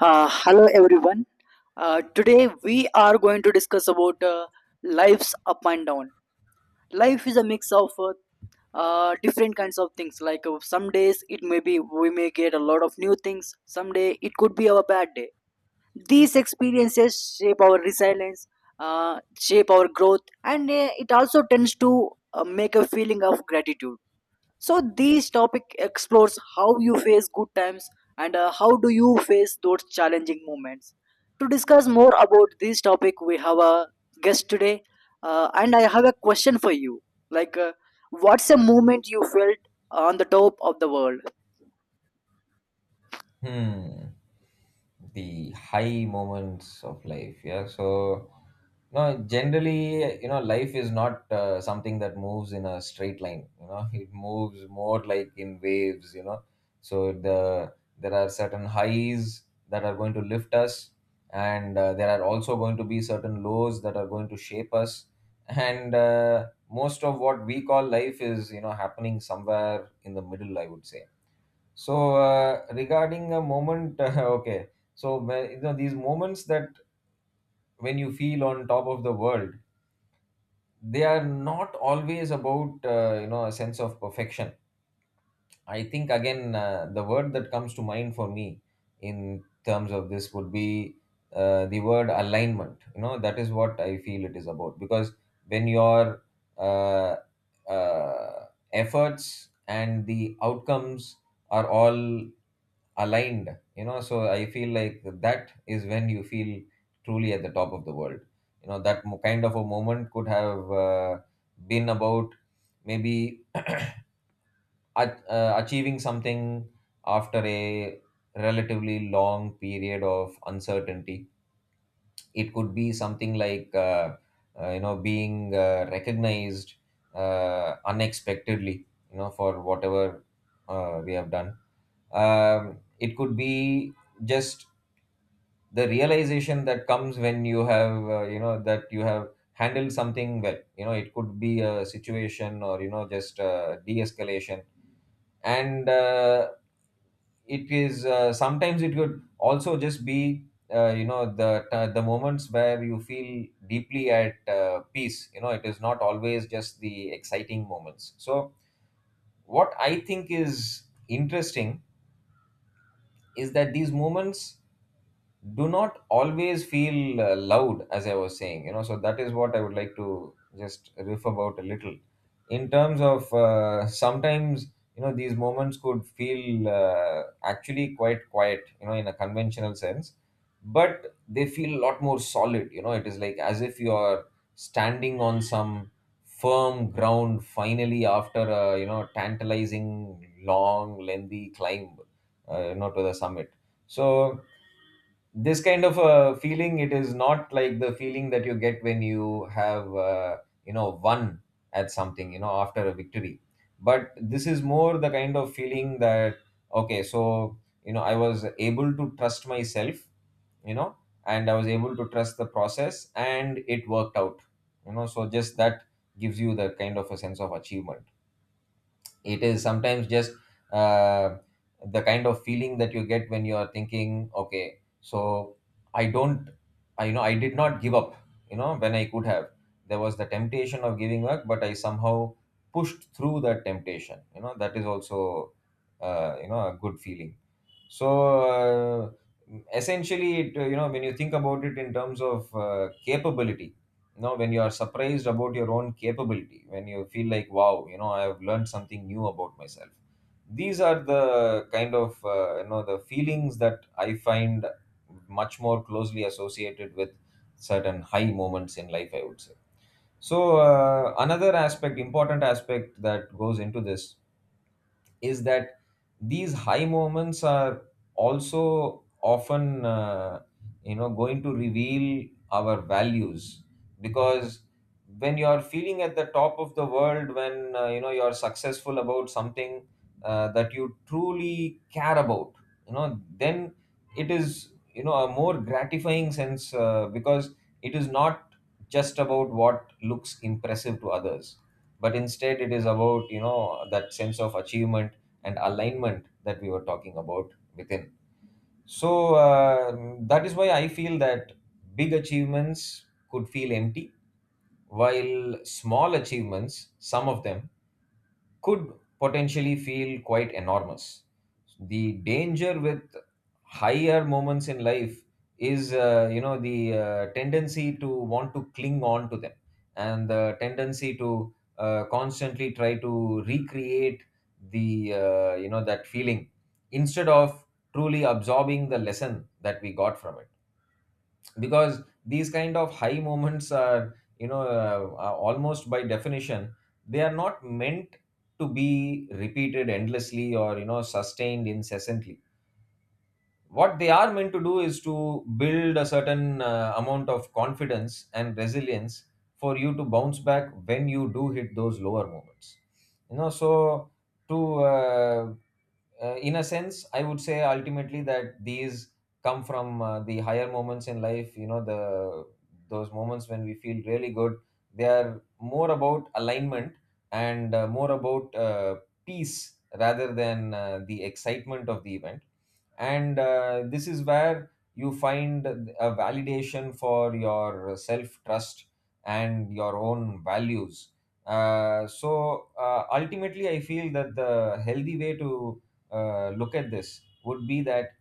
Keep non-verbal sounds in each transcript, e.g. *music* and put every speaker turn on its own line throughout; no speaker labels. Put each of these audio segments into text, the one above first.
Hello everyone. Today we are going to discuss about life's up and down. Life is a mix of different kinds of things. Like some days it may be we may get a lot of new things. Some day it could be our bad day. These experiences shape our resilience, shape our growth, and it also tends to make a feeling of gratitude. So this topic explores how you face good times and how do you face those challenging moments. To discuss more about this topic, we have a guest today, and I have a question for you. Like, what's a moment you felt on the top of the world?
Hmm, the high moments of life. Yeah. So, no, generally, you know, life is not something that moves in a straight line. You know, *laughs* it moves more like in waves. You know, so there are certain highs that are going to lift us, and there are also going to be certain lows that are going to shape us. And most of what we call life is, you know, happening somewhere in the middle, I would say. So regarding a moment, *laughs* okay. You know, these moments that when you feel on top of the world, they are not always about you know, a sense of perfection. I think again the word that comes to mind for me in terms of this would be the word alignment. You know, that is what I feel it is about, because when your uh, uh, efforts and the outcomes are all aligned, you know, so I feel like that is when you feel truly at the top of the world. You know, kind of a moment could have been about maybe achieving something after a relatively long period of uncertainty. It could be something like you know, being recognized unexpectedly, you know, for whatever we have done. It could be just the realization that comes when you have you know, that you have handled something well. You know, it could be a situation, or you know, just de-escalation. And it is sometimes, it could also just be you know, the moments where you feel deeply at peace. You know, it is not always just the exciting moments. So what I think is interesting is that these moments do not always feel loud, as I was saying. You know, so that is what I would like to just riff about a little, in terms of sometimes, you know, these moments could feel actually quite quiet, you know, in a conventional sense, but they feel a lot more solid. You know, it is like as if you are standing on some firm ground finally, after a, you know, tantalizing long lengthy climb you know, to the summit. So this kind of a feeling, it is not like the feeling that you get when you have you know, won at something, you know, after a victory. But this is more the kind of feeling that, okay, so, you know, I was able to trust myself, you know, and I was able to trust the process, and it worked out. You know, so just that gives you the kind of a sense of achievement. It is sometimes just uh, the kind of feeling that you get when you are thinking, okay, so I don't, I you know, I did not give up, you know, when I could have. There was the temptation of giving up, but I somehow pushed through that temptation. You know, that is also, you know, a good feeling. So essentially, it, you know, when you think about it in terms of capability, you know, when you are surprised about your own capability, when you feel like, wow, you know, I have learned something new about myself, these are the kind of you know, the feelings that I find much more closely associated with certain high moments in life, I would say. So another aspect, important aspect that goes into this is that these high moments are also often you know, going to reveal our values, because when you are feeling at the top of the world, when you know, you are successful about something that you truly care about, you know, then it is, you know, a more gratifying sense because it is not just about what looks impressive to others, but instead it is about, you know, that sense of achievement and alignment that we were talking about within. So that is why I feel that big achievements could feel empty, while small achievements, some of them, could potentially feel quite enormous. The danger with higher moments in life is you know, the tendency to want to cling on to them, and the tendency to constantly try to recreate the you know, that feeling, instead of truly absorbing the lesson that we got from it, because these kind of high moments are, you know, are almost by definition, they are not meant to be repeated endlessly or, you know, sustained incessantly. What they are meant to do is to build a certain amount of confidence and resilience for you to bounce back when you do hit those lower moments. You know, so to in a sense, I would say ultimately that these come from the higher moments in life. You know, the those moments when we feel really good, they are more about alignment, and more about peace, rather than the excitement of the event. And this is where you find a validation for your self trust and your own values. So ultimately, I feel that the healthy way to look at this would be that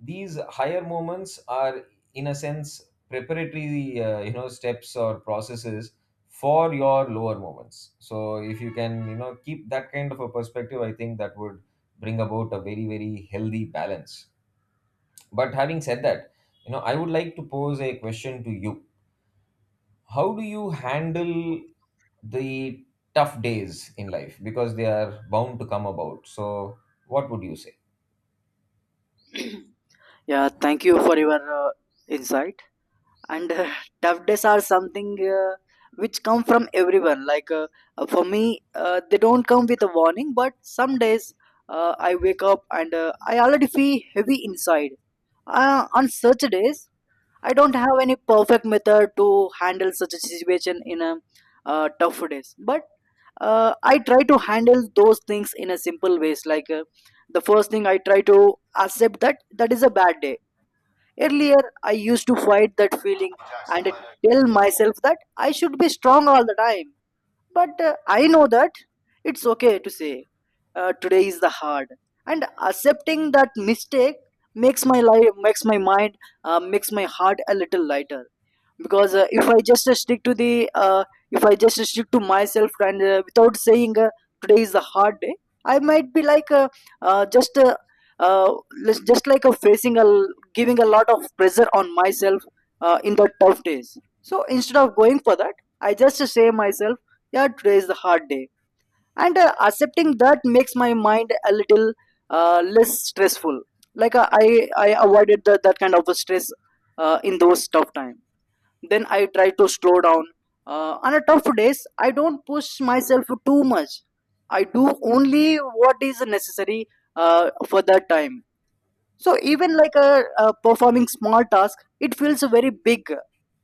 these higher moments are, in a sense, preparatory you know, steps or processes for your lower moments. So if you can, you know, keep that kind of a perspective, I think that would bring about a very, very healthy balance. But having said that, you know, I would like to pose a question to you. How do you handle the tough days in life, because they are bound to come about? So what would you say?
Yeah, thank you for your uh, insight. And *laughs* tough days are something which come from everyone. Like for me they don't come with a warning, but some days I wake up and I already feel heavy inside. On such days I don't have any perfect method to handle such a situation in a tough days, but I try to handle those things in a simple ways. Like the first thing I try to accept that that is a bad day. Earlier, I used to fight that feeling and tell myself that I should be strong all the time. But I know that it's okay to say, today is the hard. And accepting that mistake makes my life, makes my mind, makes my heart a little lighter. Because if I just stick to the uh, if I just stick to myself and without saying today is a hard day, I might be like just uh, just like a facing a giving a lot of pressure on myself in the tough days. So instead of going for that, I just say myself, yeah, today is the hard day. And accepting that makes my mind a little less stressful. Like I I avoided that kind of a stress in those tough times. Then I try to slow down. On a tough days I don't push myself too much. I do only what is necessary for that time. So even like a performing small task it feels very big.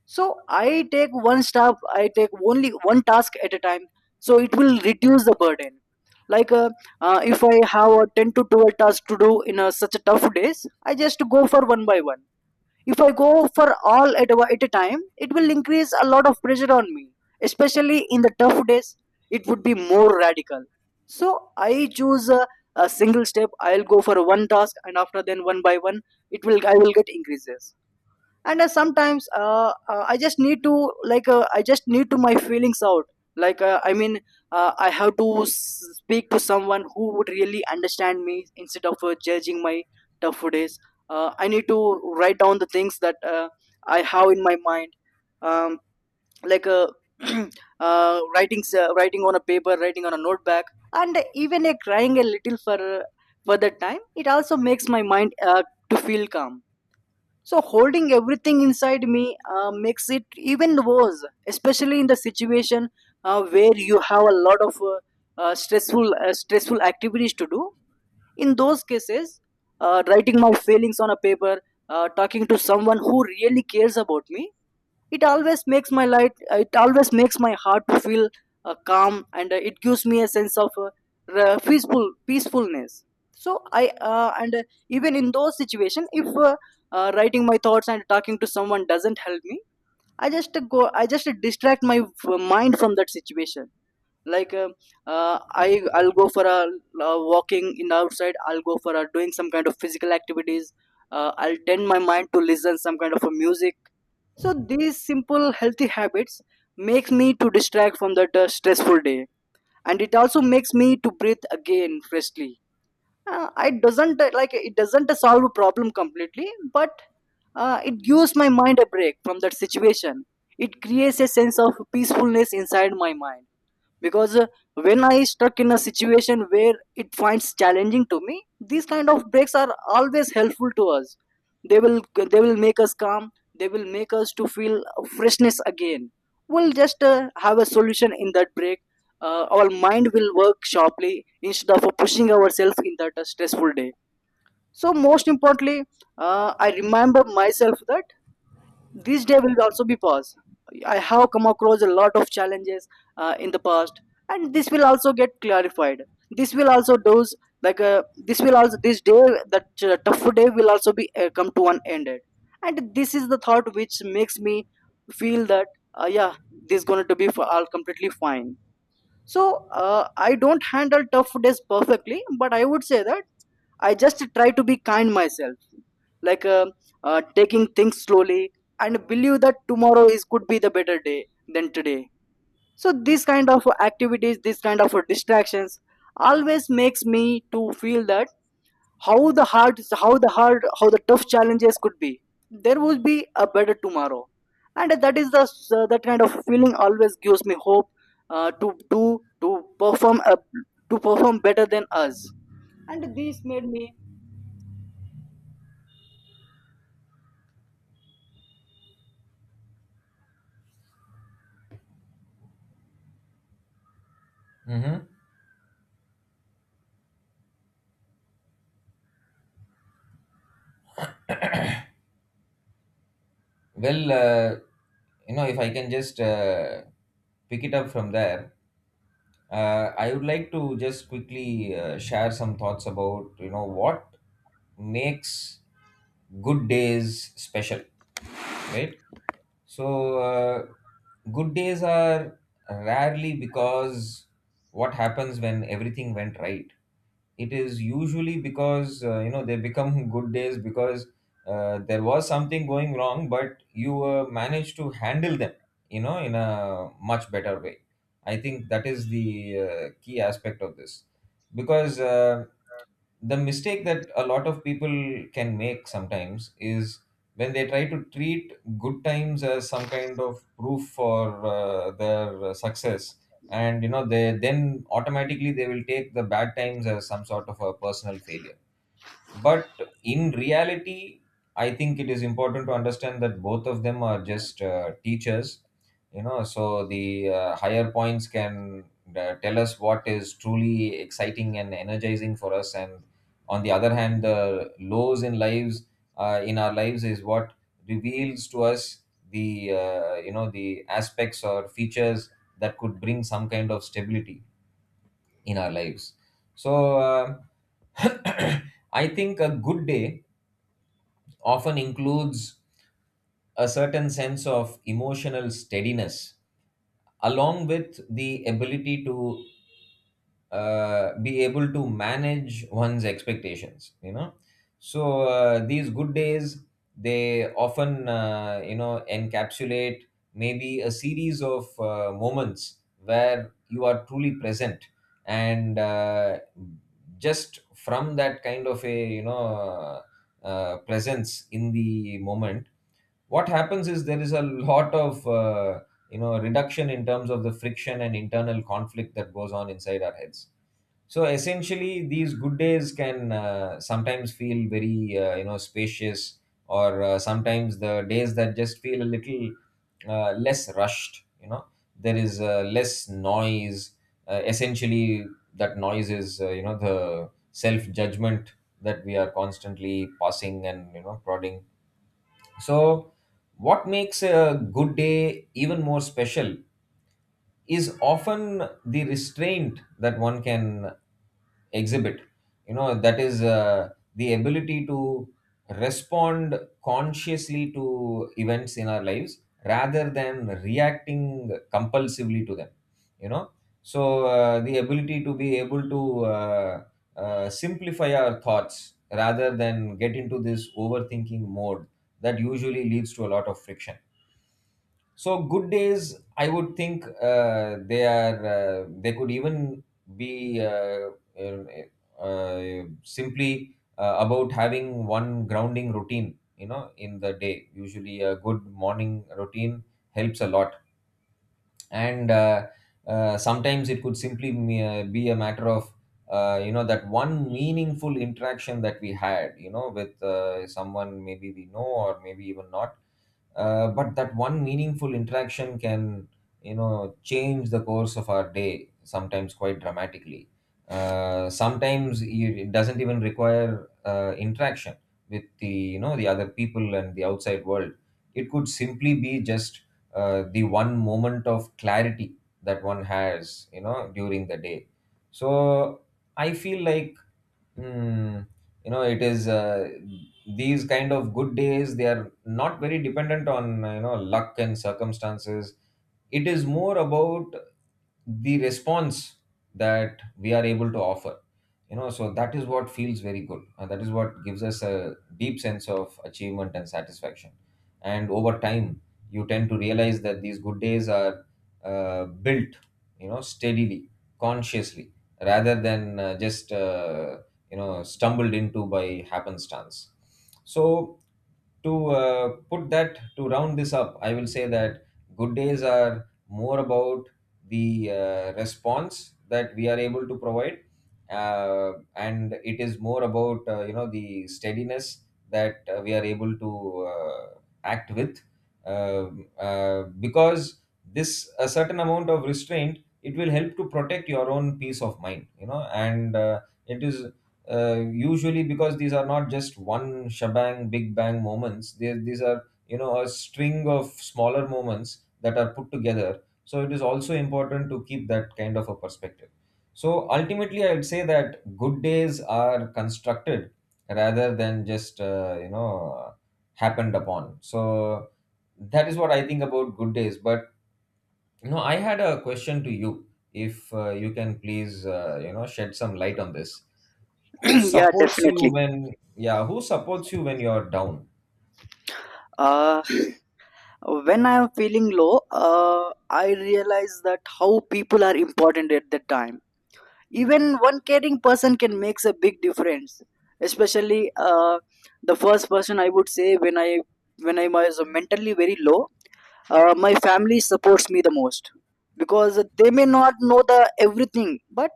So I take one step, I take only one task at a time, so it will reduce the burden. Like if I have a 10 to 12 tasks to do in such a tough days I just go for one by one. If I go for all at a time, it will increase a lot of pressure on me. Especially in the tough days, it would be more radical. So I choose a single step. I'll go for one task, and after then one by one, it will I will get increases. And sometimes I just need to, like I just need to my feelings out. Like I mean I have to speak to someone who would really understand me instead of judging my tough days. I need to write down the things that I have in my mind. um, like *clears throat* writing writing on a paper, writing on a notebook. And even crying a little for that time, it also makes my mind to feel calm. So holding everything inside me makes it even worse, especially in the situation where you have a lot of stressful stressful activities to do. In those cases, writing my feelings on a paper, talking to someone who really cares about me, it always makes my light, it always makes my heart to feel calm. And it gives me a sense of peaceful peacefulness. So I and even in those situations, if writing my thoughts and talking to someone doesn't help me, I just go, I just distract my mind from that situation. Like uh, I I'll go for a walking in the outside, I'll go for doing some kind of physical activities. I'll tend my mind to listen some kind of a music. So these simple healthy habits makes me to distract from that stressful day, and it also makes me to breathe again freshly. It doesn't like it doesn't solve a problem completely, but it gives my mind a break from that situation. It creates a sense of peacefulness inside my mind. Because when I stuck in a situation where it finds challenging to me, these kind of breaks are always helpful to us. They will they will make us calm, they will make us to feel freshness again. We'll just have a solution in that break. Our mind will work sharply instead of pushing ourselves in that stressful day. So most importantly, I remember myself that this day will also be past. I have come across a lot of challenges in the past, and this will also get clarified. This will also those like this will also this day, that tough day will also be come to an end. And this is the thought which makes me feel that yeah, this is going to be for all completely fine. So I don't handle tough days perfectly, but I would say that I just try to be kind myself, like taking things slowly and believe that tomorrow is could be the better day than today. So this kind of activities, this kind of distractions, always makes me to feel that how the hard how the tough challenges could be, there would be a better tomorrow. And that is the that kind of feeling always gives me hope to do to perform to perform better than us. And this made me
Hmm. Well, you know, if I can just pick it up from there, I would like to just quickly share some thoughts about, you know, what makes good days special, right? So, good days are rarely, because what happens when everything went right, it is usually because you know, they become *laughs* good days because there was something going wrong, but you managed to handle them, you know, in a much better way. I think that is the key aspect of this, because the mistake that a lot of people can make sometimes is when they try to treat good times as some kind of proof for their success, and you know, they then automatically, they will take the bad times as some sort of a personal failure. But in reality, I think it is important to understand that both of them are just teachers. You know, so the higher points can tell us what is truly exciting and energizing for us, and on the other hand, the lows in lives, in our lives, is what reveals to us the you know, the aspects or features that could bring some kind of stability in our lives. So uh, *coughs* *clears throat* I think a good day often includes a certain sense of emotional steadiness, along with the ability to be able to manage one's expectations. You know, so these good days, they often you know, encapsulate maybe a series of moments where you are truly present, and just from that kind of a, you know, presence in the moment, what happens is there is a lot of you know, reduction in terms of the friction and internal conflict that goes on inside our heads. So essentially, these good days can sometimes feel very you know, spacious, or sometimes the days that just feel a little less rushed. You know, there is less noise. Essentially, that noise is you know, the self judgment that we are constantly passing and, you know, prodding. So, what makes a good day even more special is often the restraint that one can exhibit. You know, that is the ability to respond consciously to events in our lives, rather than reacting compulsively to them. You know, so the ability to be able to simplify our thoughts, rather than get into this overthinking mode that usually leads to a lot of friction. So good days, I would think, they are they could even be simply about having one grounding routine. You know, in the day, usually a good morning routine helps a lot and sometimes it could simply be a matter of you know, that one meaningful interaction that we had, you know, with someone maybe we know or maybe even not. But that one meaningful interaction can, you know, change the course of our day sometimes quite dramatically. Sometimes it doesn't even require interaction with the, you know, the other people and the outside world. It could simply be just the one moment of clarity that one has, you know, during the day. So I feel like, mm, you know, it is these kind of good days, they are not very dependent on, you know, luck and circumstances. It is more about the response that we are able to offer, you know. So that is what feels very good and that is what gives us a deep sense of achievement and satisfaction. And over time you tend to realize that these good days are built, you know, steadily, consciously, rather than just you know, stumbled into by happenstance. So to put that to round this up, I will say that good days are more about the response that we are able to provide, and it is more about you know, the steadiness that we are able to uh, act with. Um, because this a certain amount of restraint, it will help to protect your own peace of mind, you know. And it is usually because these are not just one shebang, big bang moments. These are, you know, a string of smaller moments that are put together, so it is also important to keep that kind of a perspective. So ultimately I'd say that good days are constructed rather than just you know, happened upon. So that is what I think about good days. But you know, I had a question to you, if you can please you know, shed some light on this. Who
*clears throat* yeah,
supports you
definitely
when, yeah, who supports you when you're down?
uh, when I am feeling low I realize that how people are important at that time. Even one caring person can makes a big difference. Especially the first person I would say, when I was mentally very low, my family supports me the most. Because they may not know the everything, but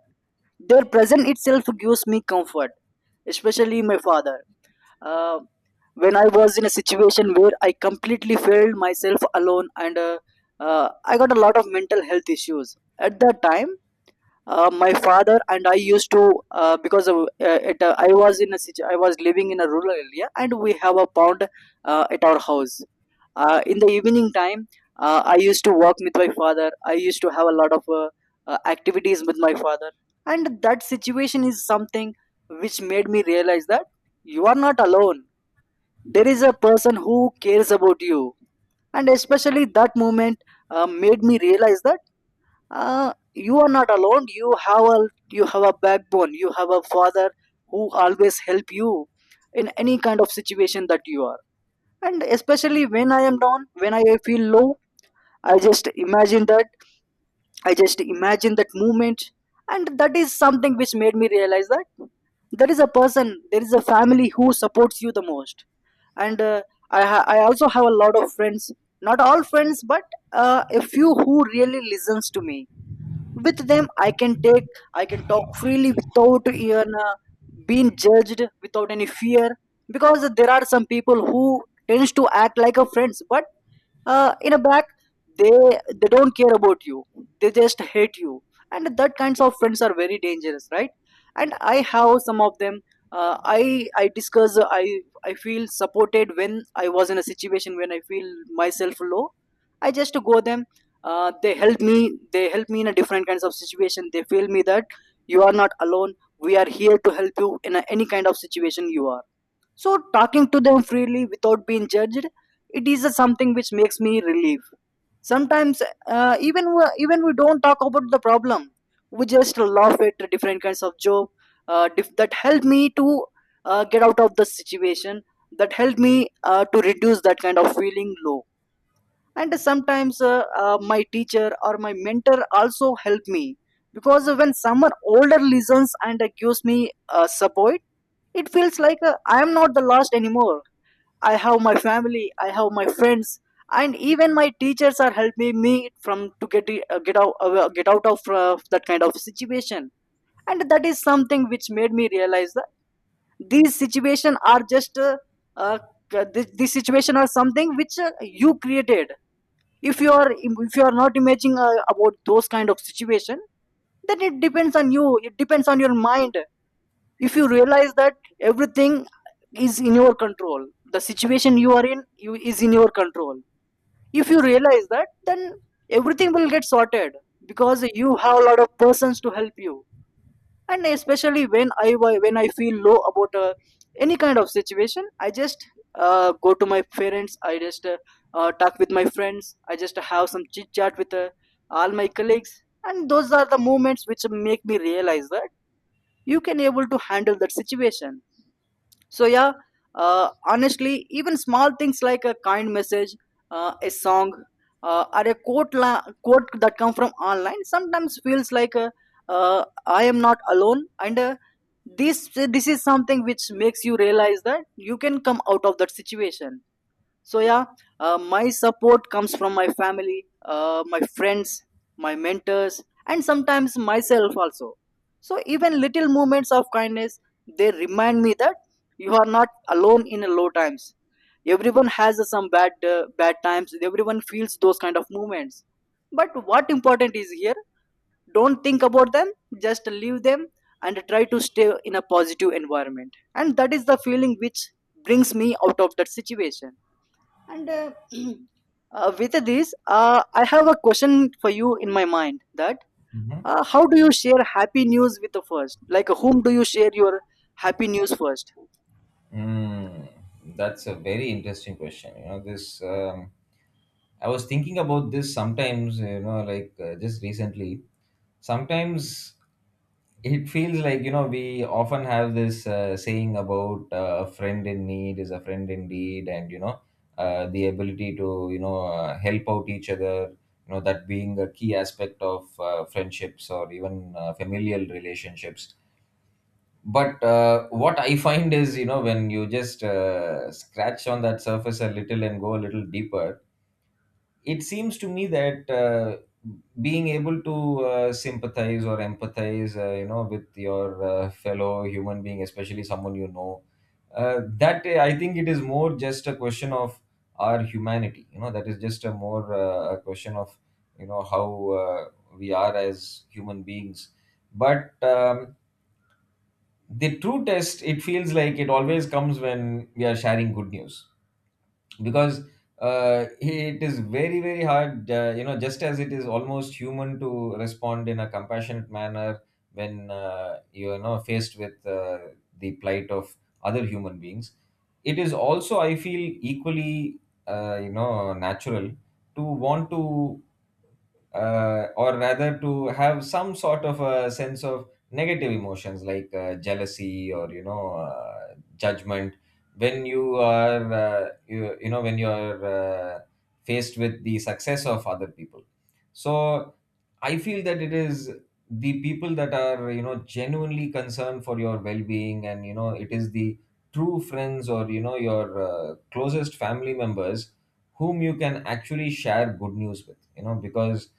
their presence itself gives me comfort. Especially my father. uh, when I was in a situation where I completely felt myself alone and I got a lot of mental health issues at that time, my father and I used to because of, I was in a I was living in a rural area and we have a pond at our house. In the evening time I used to walk with my father, I used to have a lot of activities with my father. And that situation is something which made me realize that you are not alone, there is a person who cares about you. And especially that moment made me realize that you are not alone, you have a backbone, you have a father who always help you in any kind of situation that you are. And especially when I am down, when I feel low, i just imagine that I just imagine that moment. And that is something which made me realize that there is a person, there is a family who supports you the most. And I also have a lot of friends, not all friends, but a few who really listens to me. With them I can take, I can talk freely without even being judged, without any fear. Because there are some people who tends to act like a friends, but in a back they they don't care about you, they just hate you. And that kinds of friends are very dangerous, right? And I have some of them. I discuss I I feel supported when I was in a situation when I feel myself low, I just go them. They help me, they help me in a different kinds of situation. They feel me that you are not alone, we are here to help you in a, any kind of situation you are. So talking to them freely without being judged, it is a something which makes me relief. Sometimes even we don't talk about the problem, we just laugh at different kinds of joke. That help me to get out of the situation. That help me to reduce that kind of feeling low. And sometimes my teacher or my mentor also help me. Because when someone older Listens and gives me support. It feels like I am not the last anymore. I have my family, I have my friends, and even my teachers are helping me from to get I- get out of that kind of situation. And that is something which made me realize that these situation are just uh, this situation are something which you created. If you are not imagining about those kind of situation, then it depends on you, it depends on your mind. If you realize that everything is in your control, the situation you are in, is in your control. If you realize that, then everything will get sorted, because you have a lot of persons to help you. And especially when I feel low about any kind of situation, I just go to my parents, I just talk with my friends, I just have some chit chat with all my colleagues. And those are the moments which make me realize that you can able to handle that situation. So yeah, honestly, even small things like a kind message, a song, or a quote that come from online, sometimes feels like I am not alone. And this is something which makes you realize that you can come out of that situation. So yeah, my support comes from my family, my friends, my mentors, and sometimes myself also. So even little moments of kindness, they remind me that you are not alone in low times. Everyone has some bad times, everyone feels those kind of moments. But what important is here, don't think about them, just leave them, and try to stay in a positive environment. And that is the feeling which brings me out of that situation. And *clears throat* with this, I have a question for you in my mind that
Hmm.
how do you share happy news with the first? Like, whom do you share your happy news first?
Mm, that's a very interesting question. You know, this I was thinking about this sometimes, you know, like just recently. Sometimes it feels like, you know, we often have this saying about a friend in need is a friend indeed, and, you know, the ability to, you know, help out each other, you know, that being a key aspect of friendships or even familial relationships. But what I find is, you know, when you just scratch on that surface a little and go a little deeper, it seems to me that being able to sympathize or empathize, you know, with your fellow human being, especially someone you know, that I think it is more just a question of our humanity, you know. That is just a more a question of, you know, how uh, we are as human beings. But the true test, it feels like it always comes when we are sharing good news. Because it is very, very hard, you know, just as it is almost human to respond in a compassionate manner when you know, faced with the plight of other human beings, it is also, I feel, equally you know, natural to want to or rather to have some sort of a sense of negative emotions like jealousy or, you know, judgment when you are you know, when you are faced with the success of other people. So I feel that it is the people that are, you know, genuinely concerned for your well-being, and you know, it is the true friends, or you know, your closest family members, whom you can actually share good news with, you know, because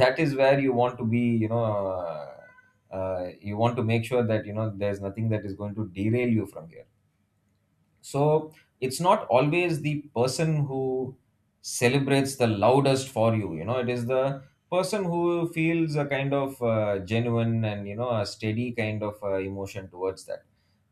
that is where you want to be, you know. You want to make sure that, you know, there's nothing that is going to derail you from here. So it's not always the person who celebrates the loudest for you. You know, it is the person who feels a kind of genuine and, you know, a steady kind of emotion towards that,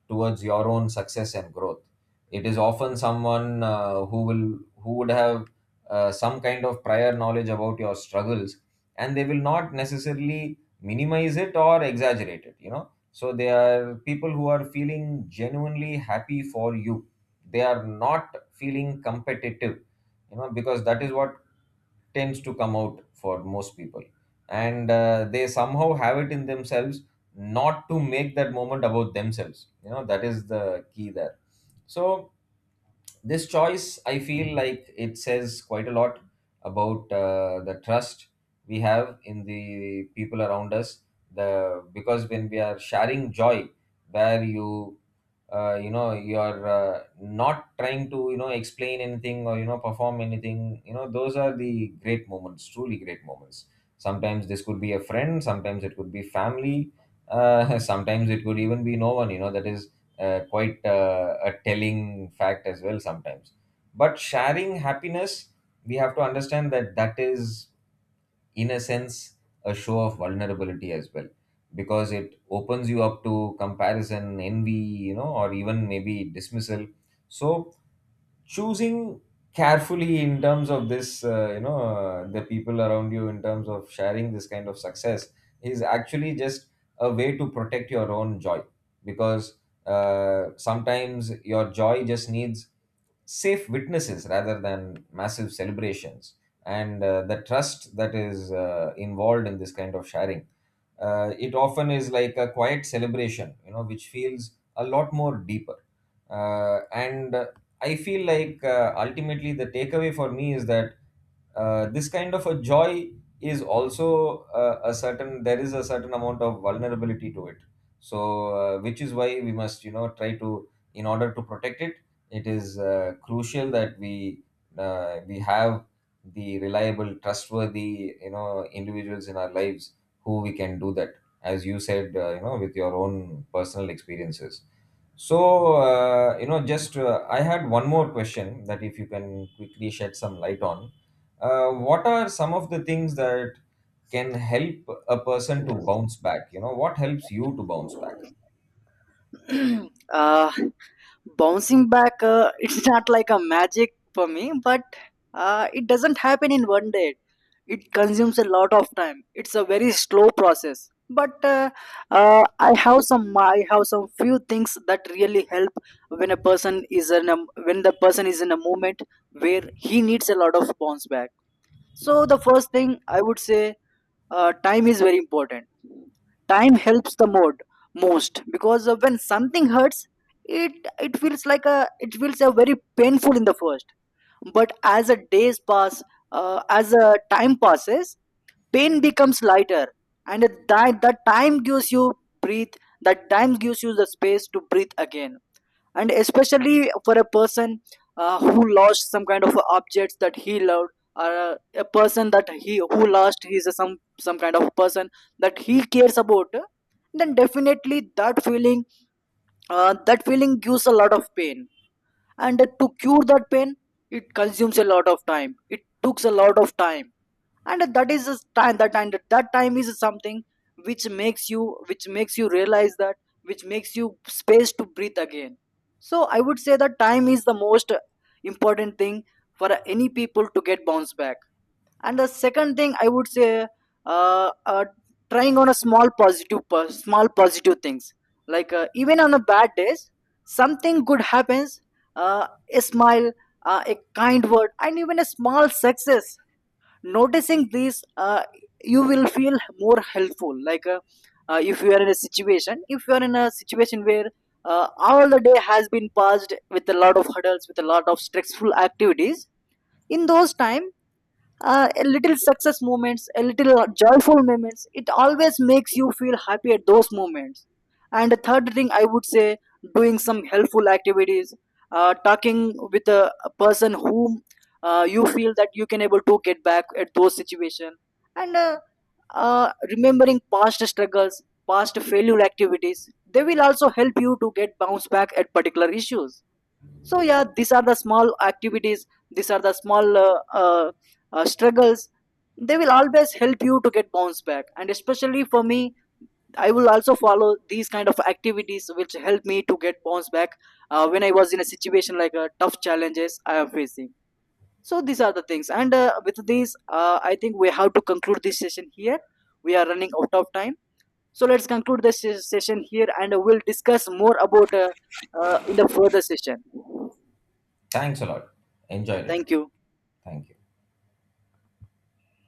towards your own success and growth. It is often someone who would have some kind of prior knowledge about your struggles, and they will not necessarily minimize it or exaggerate it, you know. So they are people who are feeling genuinely happy for you. They are not feeling competitive, you know, because that is what tends to come out for most people. And they somehow have it in themselves not to make that moment about themselves, you know. That is the key there. So this choice, I feel like, it says quite a lot about the trust we have in the people around us. The Because when we are sharing joy, where you you know, you are not trying to, you know, explain anything or, you know, perform anything, you know those are the great moments, truly great moments. Sometimes this could be a friend, sometimes it could be family, *laughs* sometimes it could even be no one, you know. That is quite a telling fact as well sometimes. But sharing happiness, we have to understand that that is, in a sense, a show of vulnerability as well, because it opens you up to comparison, envy, you know, or even maybe dismissal. So choosing carefully in terms of this, you know, the people around you in terms of sharing this kind of success, is actually just a way to protect your own joy. Because sometimes your joy just needs safe witnesses rather than massive celebrations. And the trust that is involved in this kind of sharing, it often is like a quiet celebration, you know, which feels a lot more deeper. And I feel like ultimately the takeaway for me is that this kind of a joy is also a certain there is a certain amount of vulnerability to it. So which is why we must, you know, try to, in order to protect it, it is crucial that we have the reliable, trustworthy, you know, individuals in our lives who we can do that, as you said, you know, with your own personal experiences. So you know, just I had one more question, that if you can quickly shed some light on what are some of the things that can help a person to bounce back, you know, what helps you to bounce back.
*clears throat* uh, bouncing back, *laughs* it's not like a magic for me, but it doesn't happen in one day it consumes a lot of time it's a very slow process but I have some few things that really help when a person is in a when the person is in a moment where he needs a lot of bounce back. So the first thing I would say, time is very important. Time helps the mode most, because when something hurts, it feels like a it feels a very painful in the first, but as the days pass, as a time passes, pain becomes lighter. And that time gives you breathe, that time gives you the space to breathe again. And especially for a person who lost some kind of objects that he loved, or a person that he who lost his some kind of person that he cares about, then definitely that feeling, that feeling gives a lot of pain. And to cure that pain, it consumes a lot of time, it takes a lot of time. And that is a time that and that time is something which makes you, which makes you realize that which makes you space to breathe again. So I would say that time is the most important thing for any people to get bounce back. And the second thing I would say, uh, uh, trying on a small positive po- small positive things. Like even on the bad days, something good happens, uh, a smile, a kind word, and even a small success. Noticing these you will feel more helpful. Like if you are in a situation if you are in a situation where all the day has been passed with a lot of hurdles, with a lot of stressful activities, in those time a little success moments, a little joyful moments, it always makes you feel happy at those moments. And the third thing I would say, doing some helpful activities, talking with a person whom you feel that you can able to get back at those situation. And uh, remembering past struggles, past failure activities, they will also help you to get bounce back at particular issues. So yeah, these are the small activities, these are the small struggles, they will always help you to get bounce back. And especially for me, I will also follow these kind of activities which help me to get bounce back when I was in a situation like tough challenges I am facing. So these are the things, and with these I think we have to conclude this session here, we are running out of time. So let's conclude this session here, and we'll discuss more about in the further session.
Thanks a lot.
Yeah,
Enjoyed it.
thank you.
Thank you.